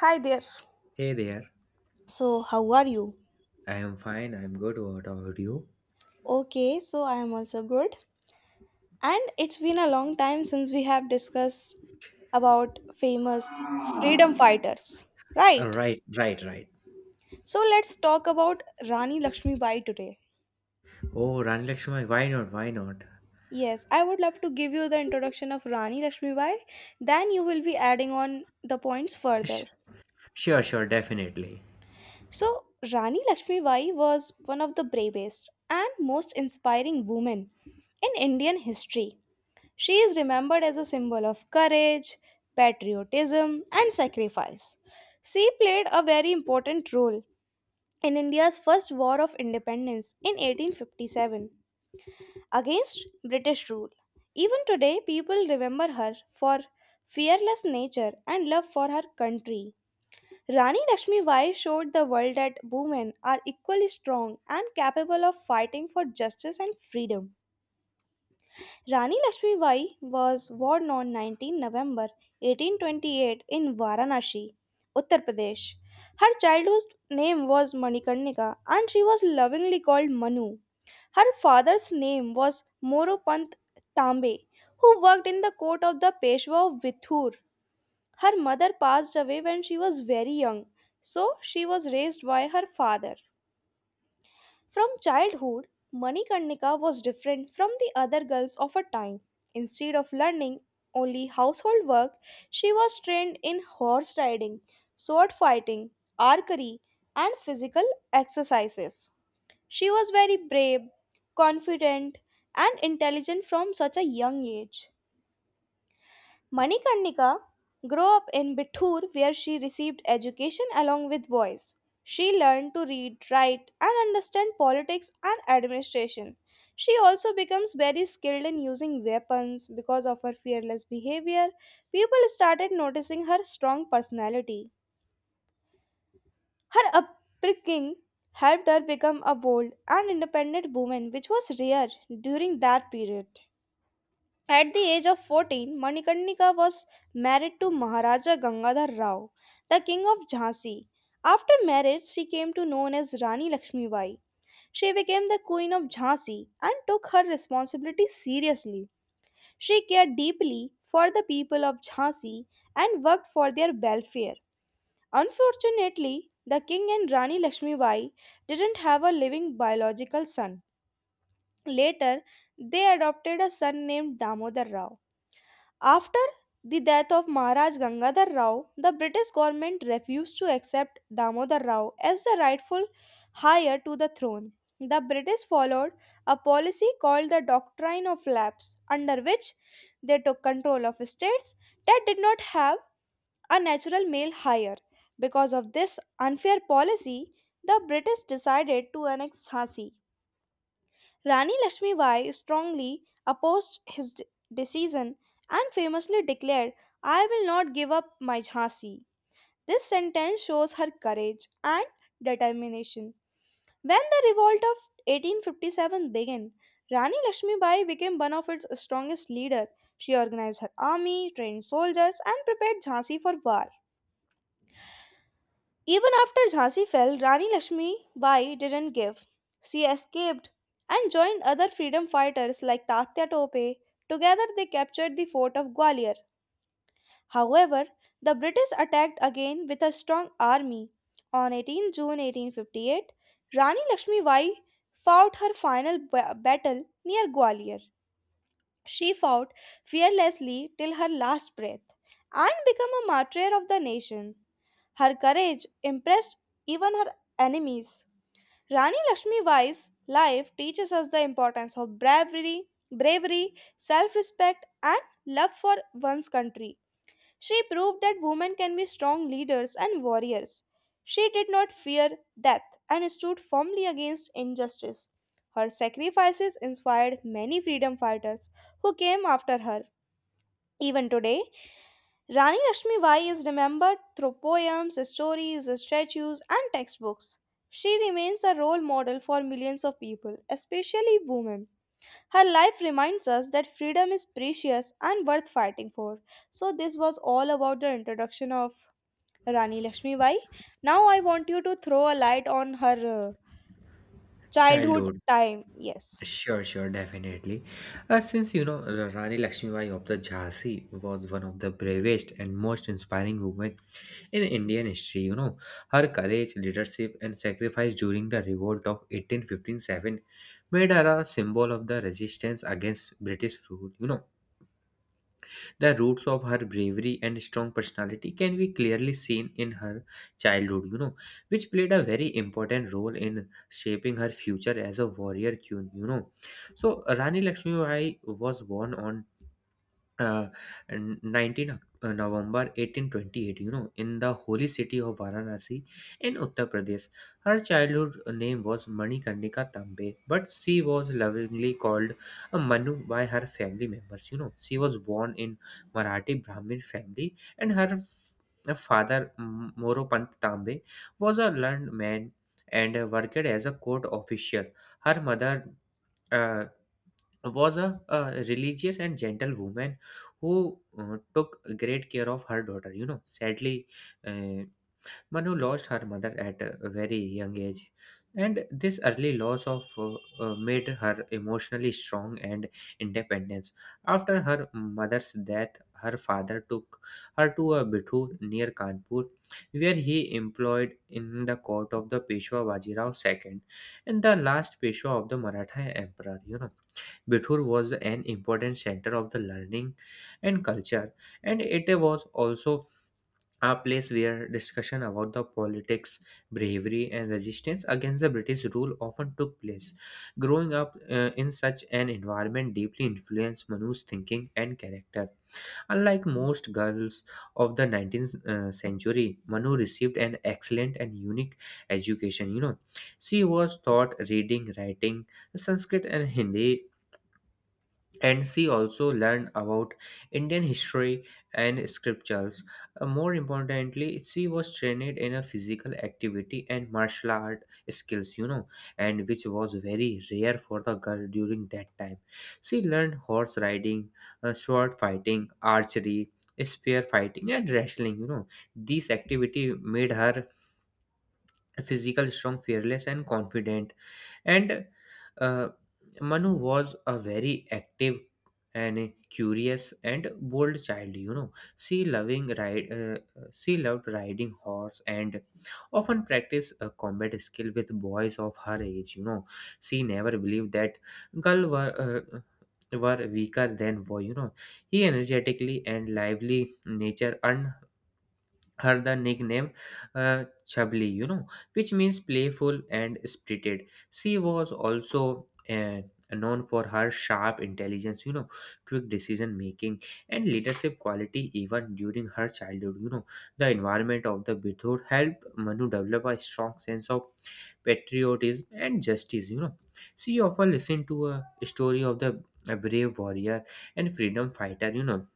Hi there. Hey there. So, how are you? I am fine. I'm good. What about you? Okay, so I am also good. And it's been a long time since we have discussed about famous freedom fighters, Uh, right? Right, right, right. So let's talk about Rani Lakshmibai today. Oh, Rani Lakshmi, why not? Why not? Yes, I would love to give you the introduction of Rani Lakshmibai, then you will be adding on the points Sh- further. sure, sure, definitely. So, Rani Lakshmibai was one of the bravest and most inspiring women in Indian history. She is remembered as a symbol of courage, patriotism, and sacrifice. She played a very important role in India's first war of independence in 1857 against British rule. Even today, people remember her for fearless nature and love for her country. Rani Lakshmibai showed the world that women are equally strong and capable of fighting for justice and freedom. Rani Lakshmibai was born on November 19 1828 in Varanasi, Uttar Pradesh. Her childhood name was Manikarnika and she was lovingly called Manu. Her father's name was Moropant Tambe, who worked in the court of the Peshwa of Vithur. Her mother passed away when she was very young, so she was raised by her father. From childhood, Manikarnika was different from the other girls of her time. Instead of learning only household work, she was trained in horse riding, sword fighting, archery, and physical exercises. She was very brave, confident, and intelligent from such a young age. Manikarnika grew up in Bittur where she received education along with boys. She learned to read, write, and understand politics and administration. She also becomes very skilled in using weapons. Because of her fearless behavior, people started noticing her strong personality. Her upbringing helped her become a bold and independent woman, which was rare during that period. At the age of 14, Manikarnika was married to Maharaja Gangadhar Rao, the king of Jhansi. After marriage, she came to known as Rani Lakshmibai. She became the queen of Jhansi and took her responsibility seriously. She cared deeply for the people of Jhansi and worked for their welfare. Unfortunately, the king and Rani Lakshmibai didn't have a living biological son. Later, they adopted a son named Damodar Rao. After the death of Maharaj Gangadhar Rao, the British government refused to accept Damodar Rao as the rightful heir to the throne. The British followed a policy called the Doctrine of Lapse, under which they took control of states that did not have a natural male heir. Because of this unfair policy, the British decided to annex Jhansi. Rani Lakshmi Bai strongly opposed his decision and famously declared, I will not give up my Jhansi. This sentence shows her courage and determination. When the revolt of 1857 began, Rani Lakshmi Bai became one of its strongest leaders. She organized her army, trained soldiers, and prepared Jhansi for war. Even after Jhansi fell, Rani Lakshmi Bai didn't give. She escaped and joined other freedom fighters like Tatya Tope. Together they captured the fort of Gwalior. However, the British attacked again with a strong army. On June 18 1858, Rani Lakshmi Bai fought her final battle near Gwalior. She fought fearlessly till her last breath and became a martyr of the nation. Her courage impressed even her enemies. Rani Lakshmi Bai's life teaches us the importance of bravery, self-respect and love for one's country. She proved that women can be strong leaders and warriors. She did not fear death and stood firmly against injustice. Her sacrifices inspired many freedom fighters who came after her. Even today, Rani Lakshmi Bai is remembered through poems, stories, statues, and textbooks. She remains a role model for millions of people, especially women. Her life reminds us that freedom is precious and worth fighting for. So, this was all about the introduction of Rani Lakshmi Bai. Now, I want you to throw a light on her childhood Childhood. time. Yes. Sure, sure, definitely. Since Rani Lakshmibai of the Jhansi was one of the bravest and most inspiring women in Indian history. Her courage, leadership, and sacrifice during the revolt of 1857 made her a symbol of the resistance against British rule. The roots of her bravery and strong personality can be clearly seen in her childhood, which played a very important role in shaping her future as a warrior queen. So, Rani Lakshmibai was born on uh, 19 November 1828, in the holy city of Varanasi in Uttar Pradesh. Her childhood name was Manikarnika Tambe, but she was lovingly called Manu by her family members. She was born in Marathi Brahmin family, and her father, Moropant Tambe, was a learned man and worked as a court official. Her mother, uh, was a religious and gentle woman who took great care of her daughter. Sadly, uh, Manu lost her mother at a very young age, and this early loss of made her emotionally strong and independent. After her mother's death, her father took her to a Bithu near Kanpur, where he employed in the court of the Peshwa Bajirao II and the last Peshwa of the Maratha Emperor. Bithur was an important center of the learning and culture, and it was also a place where discussion about the politics, bravery, and resistance against the British rule often took place. Growing up in such an environment deeply influenced Manu's thinking and character. Unlike most girls of the 19th century, Manu received an excellent and unique education. She was taught reading, writing, Sanskrit, and Hindi, and she also learned about Indian history and scriptures. More importantly, she was trained in a physical activity and martial art skills, and which was very rare for the girl during that time. She learned horse riding, sword fighting, archery, spear fighting, and wrestling. These activity made her physical strong, fearless, and confident and uh, Manu was a very active and curious and bold child. She loving ride. She loved riding horse and often practiced a combat skill with boys of her age. She never believed that girl were. Were weaker than boy. He energetically and lively nature earned her the nickname Chabli, which means playful and spirited. She was also known for her sharp intelligence, quick decision making, and leadership quality even during her childhood. The environment of the Bithur helped Manu develop a strong sense of patriotism and justice. She often listened to a story of the a brave warrior and freedom fighter.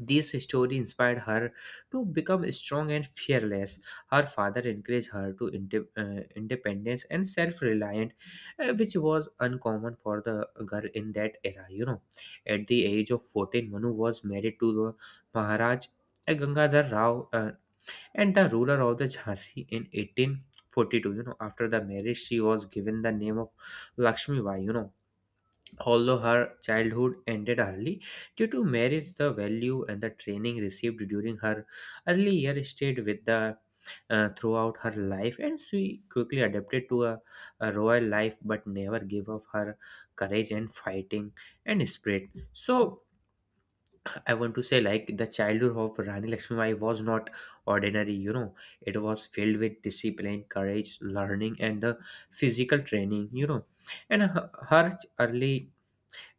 This story inspired her to become strong and fearless. Her father encouraged her to independence and self-reliant, which was uncommon for the girl in that era. At the age of 14, Manu was married to the Maharaj Gangadhar Rao and the ruler of the Jhansi in 1842. After the marriage, she was given the name of Lakshmi Bai. Although her childhood ended early due to marriage, the value and the training received during her early years stayed with the throughout her life, and she quickly adapted to a royal life, but never gave up her courage and fighting and spirit. So I want to say, like the childhood of Rani Lakshmibai was not ordinary. It was filled with discipline, courage, learning, and the physical training. And her early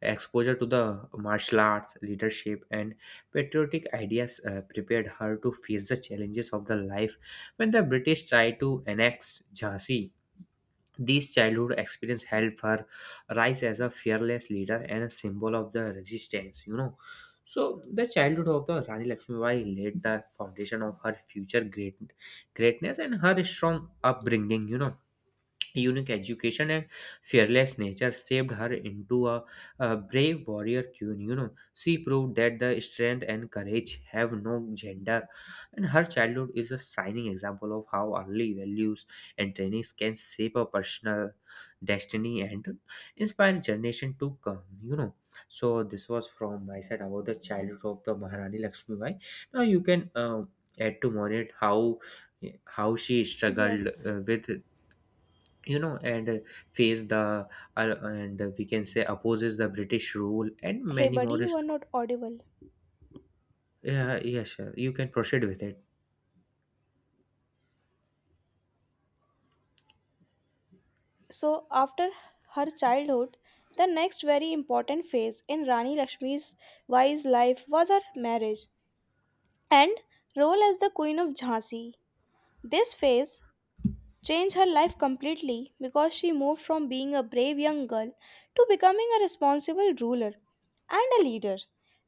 exposure to the martial arts, leadership, and patriotic ideas prepared her to face the challenges of the life when the British tried to annex Jhansi. These childhood experience helped her rise as a fearless leader and a symbol of the resistance. So the childhood of the Rani Lakshmibai laid the foundation of her future greatness and her strong upbringing. Unique education and fearless nature shaped her into a brave warrior queen. She proved that the strength and courage have no gender, and her childhood is a shining example of how early values and trainings can shape a personal destiny and inspire generation to come. So this was from my side about the childhood of the Maharani Lakshmi Bai. Now you can add to more it how she struggled Yes. With and face the and we can say opposes the British rule and Hey, many buddy, more you is. are not audible. Yeah, yes, sure. You can proceed with it. So, after her childhood, the next very important phase in Rani Lakshmi's wise life was her marriage and role as the Queen of Jhansi. This phase changed her life completely because she moved from being a brave young girl to becoming a responsible ruler and a leader.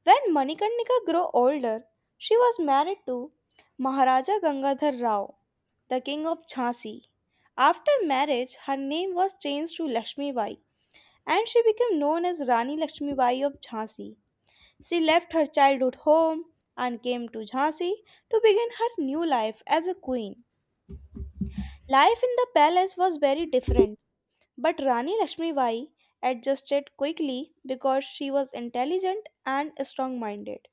When Manikarnika grew older, she was married to Maharaja Gangadhar Rao, the king of Jhansi. After marriage, her name was changed to Lakshmi and she became known as Rani Lakshmibai of Jhansi. She left her childhood home and came to Jhansi to begin her new life as a queen. Life in the palace was very different, but Rani Lakshmibai adjusted quickly because she was intelligent and strong minded.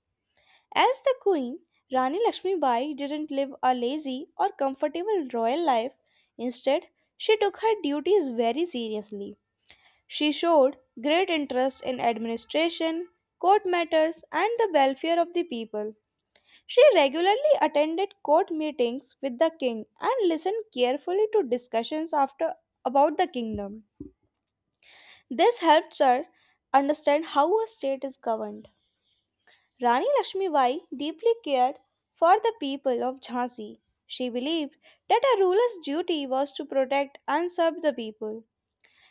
As the queen, Rani Lakshmibai didn't live a lazy or comfortable royal life. Instead, she took her duties very seriously. She showed great interest in administration, court matters, and the welfare of the people. She regularly attended court meetings with the king and listened carefully to discussions after about the kingdom. This helped her understand how a state is governed. Rani Lakshmi Bai deeply cared for the people of Jhansi. She believed that a ruler's duty was to protect and serve the people.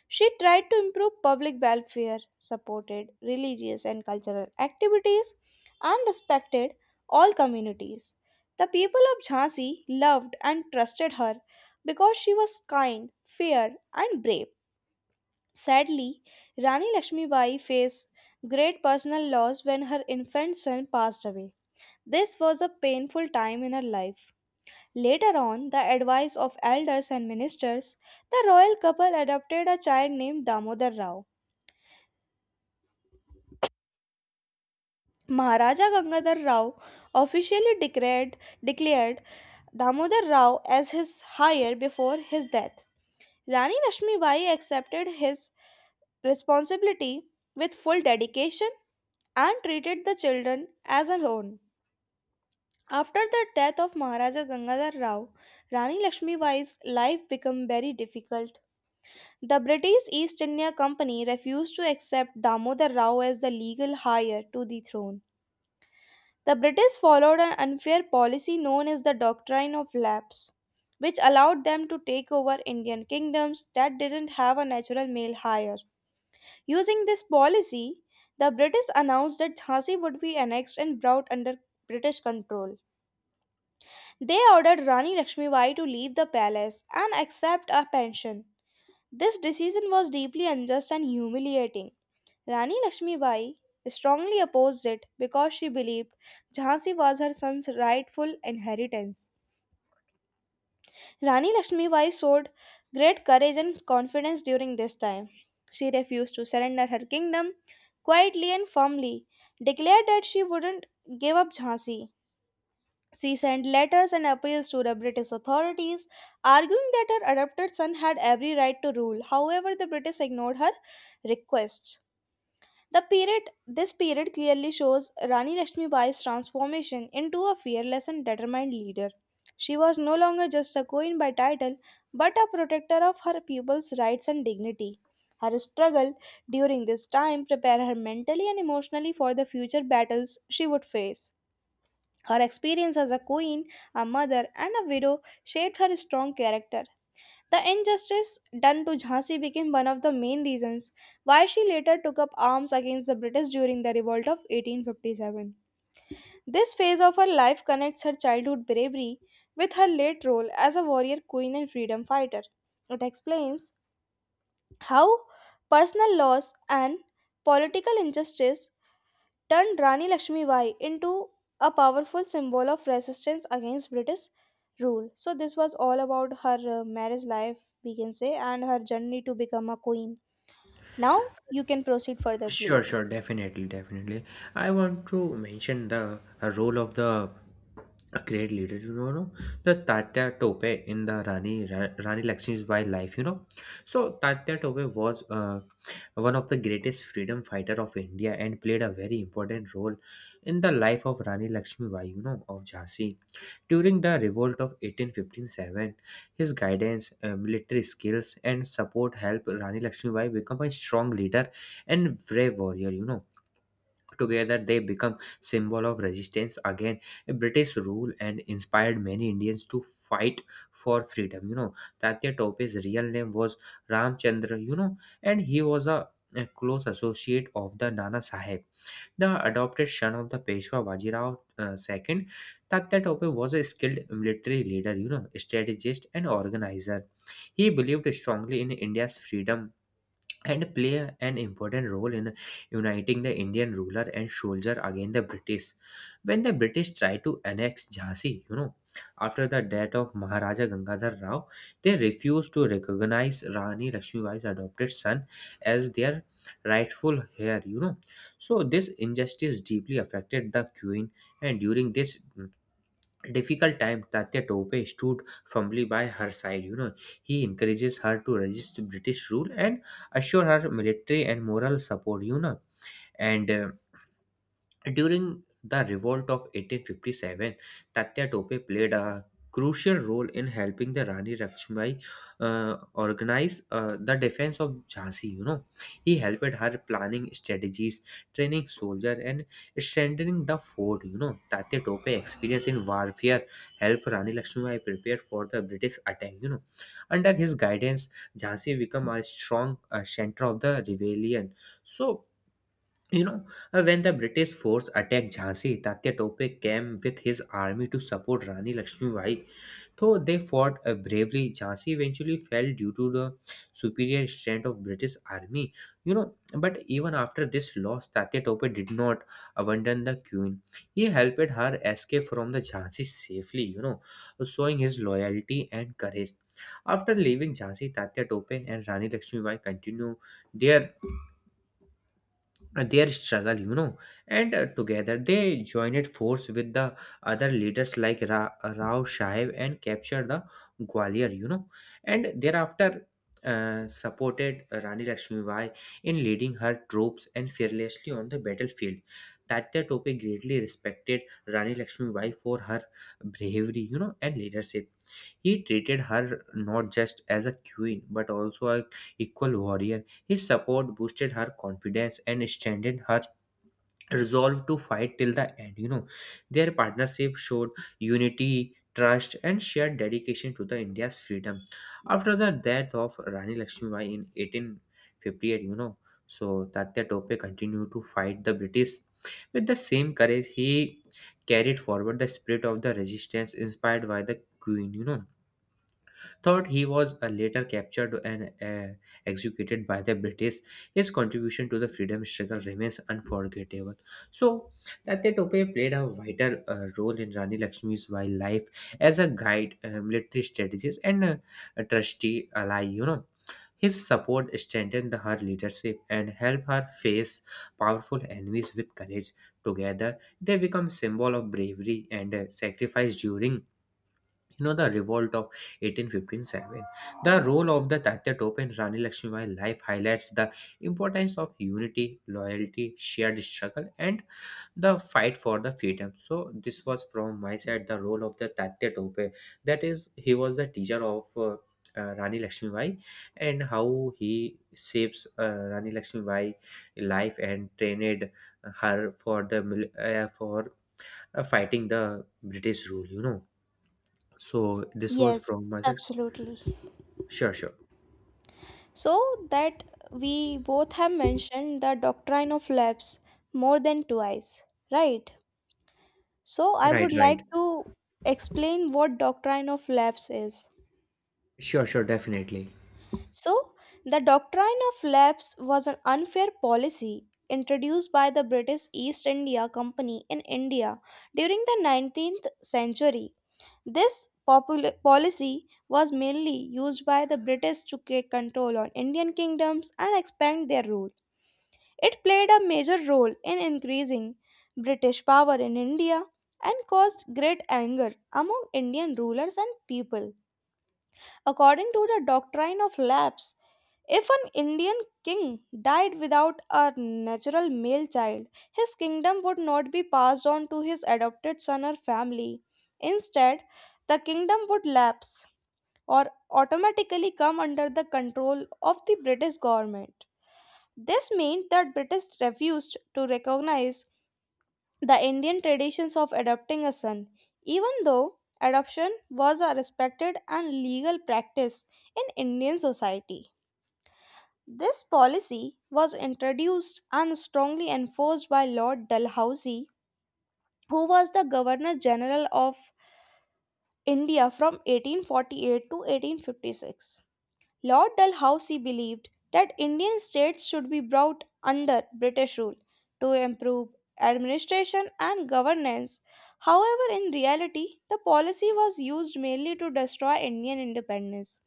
She tried to improve public welfare, supported religious and cultural activities, and respected all communities. The people of Jhansi loved and trusted her because she was kind, fair, and brave. Sadly, Rani Lakshmibai faced great personal loss when her infant son passed away. This was a painful time in her life. Later on, the advice of elders and ministers, the royal couple adopted a child named Damodar Rao. Maharaja Gangadhar Rao officially declared Damodar Rao as his heir before his death. Rani Lakshmi Bai accepted his responsibility with full dedication and treated the children as her own. After the death of Maharaja Gangadhar Rao, Rani Lakshmi Bai's life became very difficult. The British East India Company refused to accept Damodar Rao as the legal heir to the throne. The British followed an unfair policy known as the Doctrine of Lapse, which allowed them to take over Indian kingdoms that didn't have a natural male heir. Using this policy, the British announced that Jhansi would be annexed and brought under British control. They ordered Rani Lakshmibai to leave the palace and accept a pension. This decision was deeply unjust and humiliating. Rani Lakshmibai strongly opposed it because she believed Jhansi was her son's rightful inheritance. Rani Lakshmibai showed great courage and confidence during this time. She refused to surrender her kingdom quietly and firmly, declared that she wouldn't give up Jhansi. She sent letters and appeals to the British authorities, arguing that her adopted son had every right to rule. However, the British ignored her requests. The period, this period clearly shows Rani Lakshmibai's transformation into a fearless and determined leader. She was no longer just a queen by title, but a protector of her people's rights and dignity. Her struggle during this time prepared her mentally and emotionally for the future battles she would face. Her experience as a queen, a mother, and a widow shaped her strong character. The injustice done to Jhansi became one of the main reasons why she later took up arms against the British during the revolt of 1857. This phase of her life connects her childhood bravery with her late role as a warrior queen and freedom fighter. It explains how personal loss and political injustice turned Rani Lakshmibai into a powerful symbol of resistance against British rule. So, this was all about her marriage life, we can say, and her journey to become a queen. Now, you can proceed further, Sure, please. sure, definitely, definitely. I want to mention the role of the a great leader, you know, no? the Tatya Tope in the Rani Lakshmibai life. So Tatya Tope was one of the greatest freedom fighter of India and played a very important role in the life of Rani Lakshmibai, of Jhansi. During the revolt of eighteen fifteen seven, his guidance, military skills, and support helped Rani Lakshmibai become a strong leader and brave warrior. Together they become symbol of resistance against British rule and inspired many Indians to fight for freedom. Tatya Tope's real name was Ramchandra. And he was a close associate of the Nana Sahib, the adopted son of the Peshwa Bajirao, second. Tatya Tope was a skilled military leader, strategist, and organizer. He believed strongly in India's freedom and play an important role in uniting the Indian ruler and soldier against the British. When the British tried to annex Jhansi, after the death of Maharaja Gangadhar Rao, they refused to recognize Rani Lakshmibai's adopted son as their rightful heir. So this injustice deeply affected the queen, and during this difficult time, Tatya Tope stood firmly by her side. He encourages her to resist British rule and assure her military and moral support. And during the revolt of 1857, Tatya Tope played a crucial role in helping the Rani Lakshmi organize the defense of Jhansi. He helped her planning strategies, training soldiers, and strengthening the fort. Tatya Tope experience in warfare helped Rani Lakshmibai prepare for the British attack. Under his guidance, Jhansi became a strong center of the rebellion. So you know, when the British force attacked Jhansi, Tatya Tope came with his army to support Rani Lakshmibai. Though they fought bravely, Jhansi eventually fell due to the superior strength of British army. But even after this loss, Tatya Tope did not abandon the queen. He helped her escape from the Jhansi safely, showing his loyalty and courage. After leaving Jhansi, Tatya Tope and Rani Lakshmibai continue their their struggle you know and Together they joined force with the other leaders like rao Shahib and captured the Gwalior. And thereafter supported Rani Lakshmibai in leading her troops and fearlessly on the battlefield. Tatya Tope greatly respected Rani Lakshmibai for her bravery and leadership. He treated her not just as a queen but also a equal warrior. His support boosted her confidence and strengthened her resolve to fight till the end. Their partnership showed unity, trust, and shared dedication to the India's freedom. After the death of Rani Lakshmibai in 1858, so Tatya Tope continued to fight the British with the same courage. He carried forward the spirit of the resistance inspired by the Queen. Thought he was later captured and executed by the British. His contribution to the freedom struggle remains unforgettable. So, Tate Tope played a vital role in Rani Lakshmi's wild life as a guide, military strategist, and a trusty ally. His support strengthened her leadership and helped her face powerful enemies with courage. Together, they become symbol of bravery and sacrifice during the revolt of 1857. The role of the Tatya Tope in Rani Lakshmibai life highlights the importance of unity, loyalty, shared struggle, and the fight for the freedom. So this was from my side the role of the Tatya Tope. That is, he was the teacher of Rani Lakshmibai and how he shapes Rani Lakshmibai life and trained her for the mil- for fighting the British rule. So this was Yes, from my side. absolutely. Sure, sure. So that we both have mentioned the doctrine of lapse more than twice, right? So I Right, would like right. to explain what doctrine of lapse is. Sure, sure, definitely. So, the doctrine of lapse was an unfair policy introduced by the British East India Company in India during the 19th century. This policy was mainly used by the British to take control on Indian kingdoms and expand their rule. It played a major role in increasing British power in India and caused great anger among Indian rulers and people. According to the doctrine of lapse, if an Indian king died without a natural male child, his kingdom would not be passed on to his adopted son or family. Instead, the kingdom would lapse or automatically come under the control of the British government. This meant that British refused to recognize the Indian traditions of adopting a son, even though adoption was a respected and legal practice in Indian society. This policy was introduced and strongly enforced by Lord Dalhousie, who was the Governor General of India from 1848 to 1856. Lord Dalhousie believed that Indian states should be brought under British rule to improve administration and governance. However, in reality, the policy was used mainly to destroy Indian independence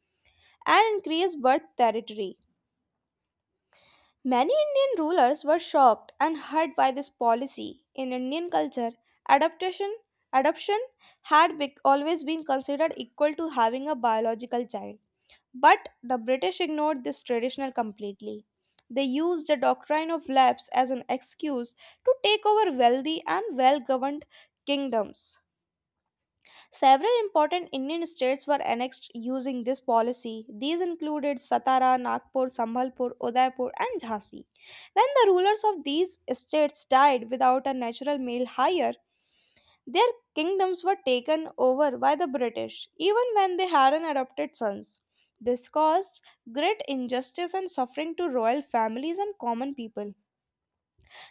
and increase birth territory. Many Indian rulers were shocked and hurt by this policy. In Indian culture, adoption adoption always been considered equal to having a biological child. But the British ignored this tradition completely. They used the doctrine of lapse as an excuse to take over wealthy and well governed kingdoms. Several important Indian states were annexed using this policy. These included Satara, Nagpur, Sambalpur, Udaipur, and Jhansi. When the rulers of these states died without a natural male heir, their kingdoms were taken over by the British, even when they hadn't adopted sons. This caused great injustice and suffering to royal families and common people.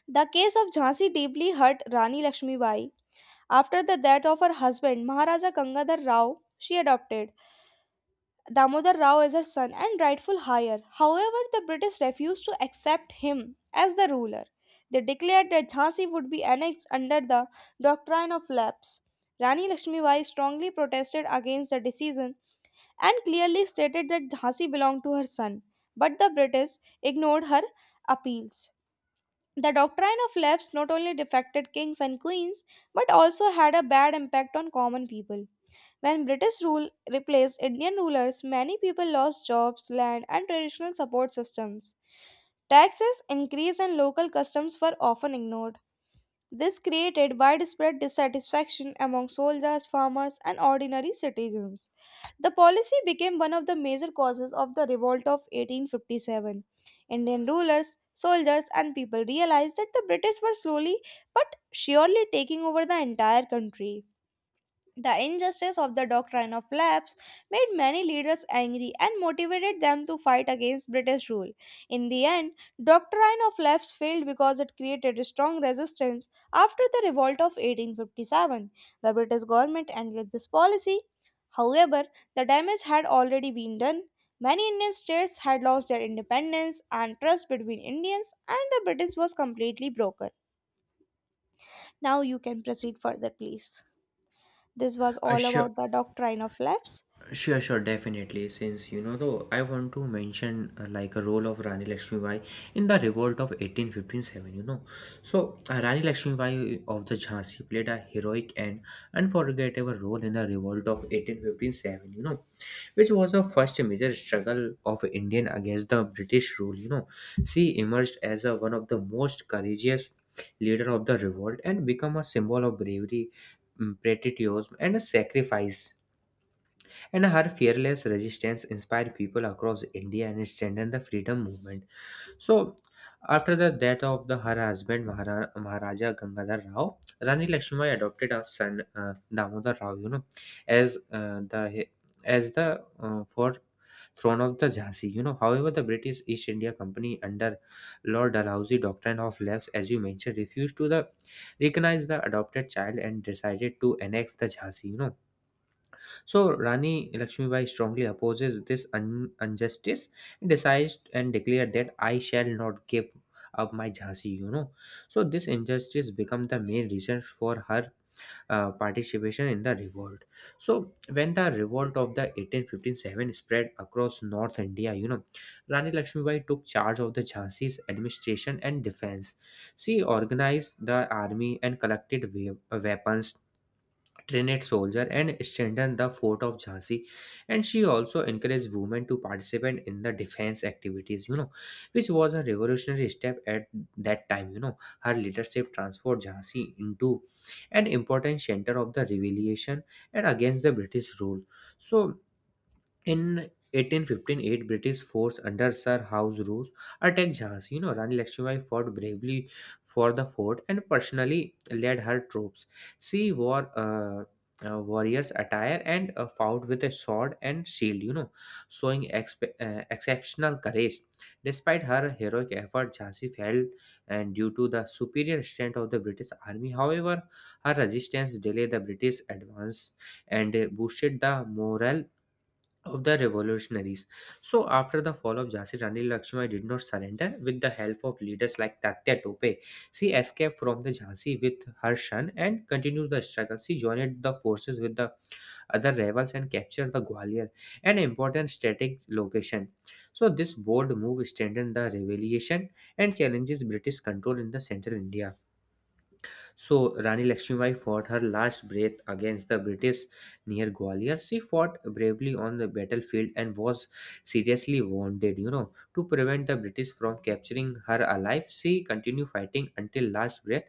The case of Jhansi deeply hurt Rani Lakshmibai. After the death of her husband, Maharaja Gangadhar Rao, she adopted Damodar Rao as her son and rightful heir. However, the British refused to accept him as the ruler. They declared that Jhansi would be annexed under the doctrine of lapse. Rani Lakshmibai strongly protested against the decision and clearly stated that Jhansi belonged to her son, but the British ignored her appeals. The doctrine of lapse not only defected kings and queens but also had a bad impact on common people. When British rule replaced Indian rulers, many people lost jobs, land, and traditional support systems. Taxes increased and local customs were often ignored. This created widespread dissatisfaction among soldiers, farmers, and ordinary citizens. The policy became one of the major causes of the revolt of 1857. Indian rulers, soldiers, and people realized that the British were slowly but surely taking over the entire country. The injustice of the doctrine of lapse made many leaders angry and motivated them to fight against British rule. In the end, doctrine of lapse failed because it created a strong resistance after the revolt of 1857. The British government ended this policy. However, the damage had already been done. Many Indian states had lost their independence and trust between Indians and the British was completely broken. Now you can proceed further, please. This was Uh, all sure, about the doctrine of lapse. sure, sure, definitely. Since you know, though, I want to mention like a role of Rani Lakshmibai in the revolt of 1857. Rani Lakshmibai of the Jhansi played a heroic and unforgettable role in the revolt of 1857, which was the first major struggle of Indian against the British rule. She emerged as one of the most courageous leader of the revolt and become a symbol of bravery, patriotism, and a sacrifice. And her fearless resistance inspired people across India and strengthened the freedom movement. So, after the death of her husband Maharaja Gangadhar Rao, Rani Lakshmibai adopted her son Damodar Rao, You know, as the as the for throne of the Jhansi. However, the British East India Company under Lord Dalhousie Doctrine of Lapse, as you mentioned, refused to the recognize the adopted child and decided to annex the Jhansi. So Rani Lakshmibai strongly opposes this injustice and decides and declared that I shall not give up my Jhansi. So this injustice become the main reason for her participation in the revolt. So when the revolt of the eighteen fifteen seven spread across North India, Rani Lakshmibai took charge of the Jhansi's administration and defense. She organized the army and collected weapons, trained soldier and strengthened the fort of Jhansi, and she also encouraged women to participate in the defense activities, which was a revolutionary step at that time. Her leadership transformed Jhansi into an important center of the revolution and against the British rule. So in eighteen fifteen eight, British force under Sir House Roos attacked Jhansi. Rani Lakshmibai fought bravely for the fort and personally led her troops. She wore warrior's attire and fought with a sword and shield, showing exceptional courage. Despite her heroic effort, Jhansi fell, and due to the superior strength of the British army, however, her resistance delayed the British advance and boosted the morale of the revolutionaries. So after the fall of Jhansi, Rani Lakshmi did not surrender. With the help of leaders like Tatya Tope, she escaped from the Jhansi with her son and continued the struggle. She joined the forces with the other rebels and captured the Gwalior, an important strategic location. So this bold move strengthened the rebellion and challenges British control in the central India. So Rani Lakshmibai fought her last breath against the British near Gwalior. She fought bravely on the battlefield and was seriously wounded. To prevent the British from capturing her alive, she continued fighting until last breath,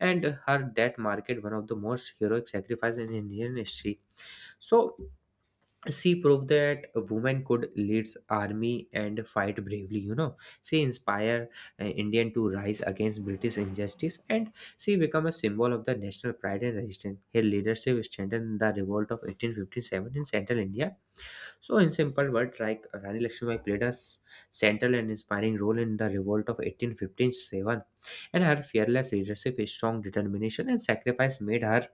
and her death marked one of the most heroic sacrifices in Indian history. So she proved that a woman could lead army and fight bravely. She inspired indian to rise against british injustice, and she became a symbol of the national pride and resistance. Her leadership strengthened the revolt of 1857 in central india. So in simple words, like, Rani Lakshmibai played a central and inspiring role in the revolt of 1857, and her fearless leadership, strong determination and sacrifice made her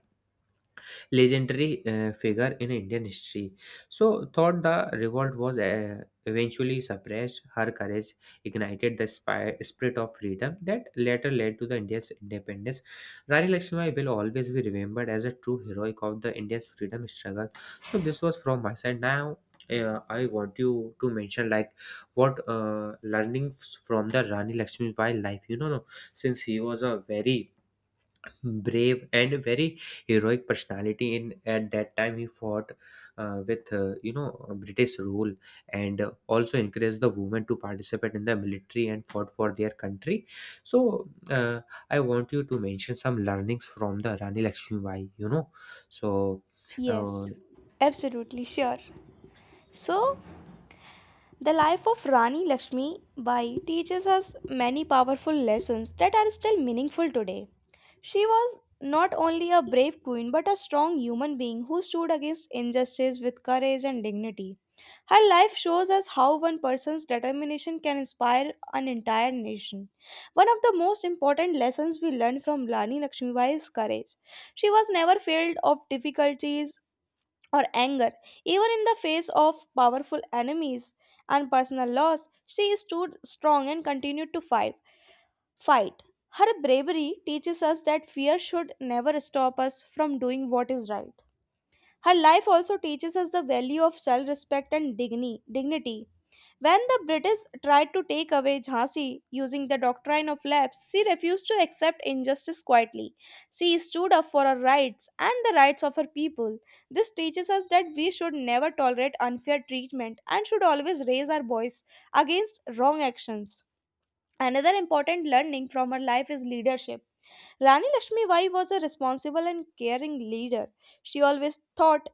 legendary figure in Indian history. So, thought the revolt was eventually suppressed, her courage ignited the spirit of freedom that later led to the India's independence. Rani Lakshmibai will always be remembered as a true heroic of the India's freedom struggle. So, this was from my side. Now, I want you to mention like what learnings from the Rani Lakshmibai life. No, since he was a very brave and a very heroic personality in at that time, he fought with british rule, and also encouraged the women to participate in the military and fought for their country. So I want you to mention some learnings from the Rani Lakshmibai. So Yes, uh, absolutely sure. So, the life of Rani Lakshmi Bai teaches us many powerful lessons that are still meaningful today. She was not only a brave queen but a strong human being who stood against injustice with courage and dignity. Her life shows us how one person's determination can inspire an entire nation. One of the most important lessons we learn from Rani Lakshmibai is courage. She was never failed of difficulties or anger. Even in the face of powerful enemies and personal loss, she stood strong and continued to fight. Her bravery teaches us that fear should never stop us from doing what is right. Her life also teaches us the value of self-respect and dignity. When the British tried to take away Jhansi using the doctrine of lapse, she refused to accept injustice quietly. She stood up for her rights and the rights of her people. This teaches us that we should never tolerate unfair treatment and should always raise our voice against wrong actions. Another important learning from her life is leadership. Rani Lakshmibai was a responsible and caring leader. She always thought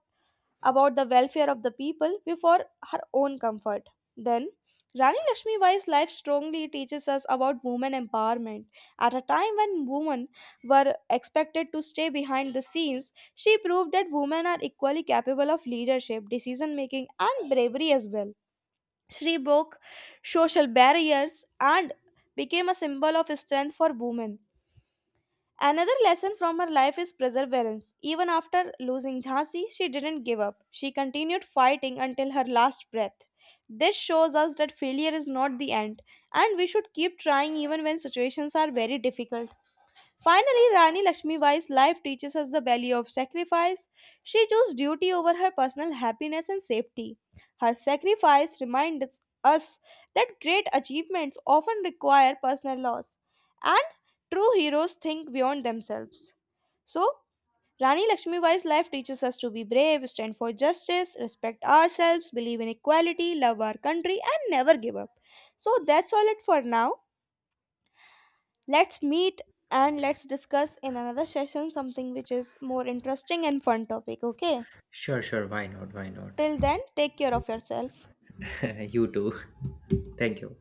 about the welfare of the people before her own comfort. Then, Rani Lakshmi Bai's life strongly teaches us about women empowerment. At a time when women were expected to stay behind the scenes, she proved that women are equally capable of leadership, decision making, and bravery as well. She broke social barriers and became a symbol of strength for women. Another lesson from her life is perseverance. Even after losing Jhansi, she didn't give up. She continued fighting until her last breath. This shows us that failure is not the end, and we should keep trying even when situations are very difficult. Finally, Rani Lakshmibai's life teaches us the value of sacrifice. She chose duty over her personal happiness and safety. Her sacrifice reminds us that great achievements often require personal loss, and true heroes think beyond themselves. So, Rani Lakshmibai's life teaches us to be brave, stand for justice, respect ourselves, believe in equality, love our country, and never give up. So, that's all it for now. Let's meet and let's discuss in another session something which is more interesting and fun topic, okay? sure, sure, why not, why not. Till then, take care of yourself. You too. Thank you.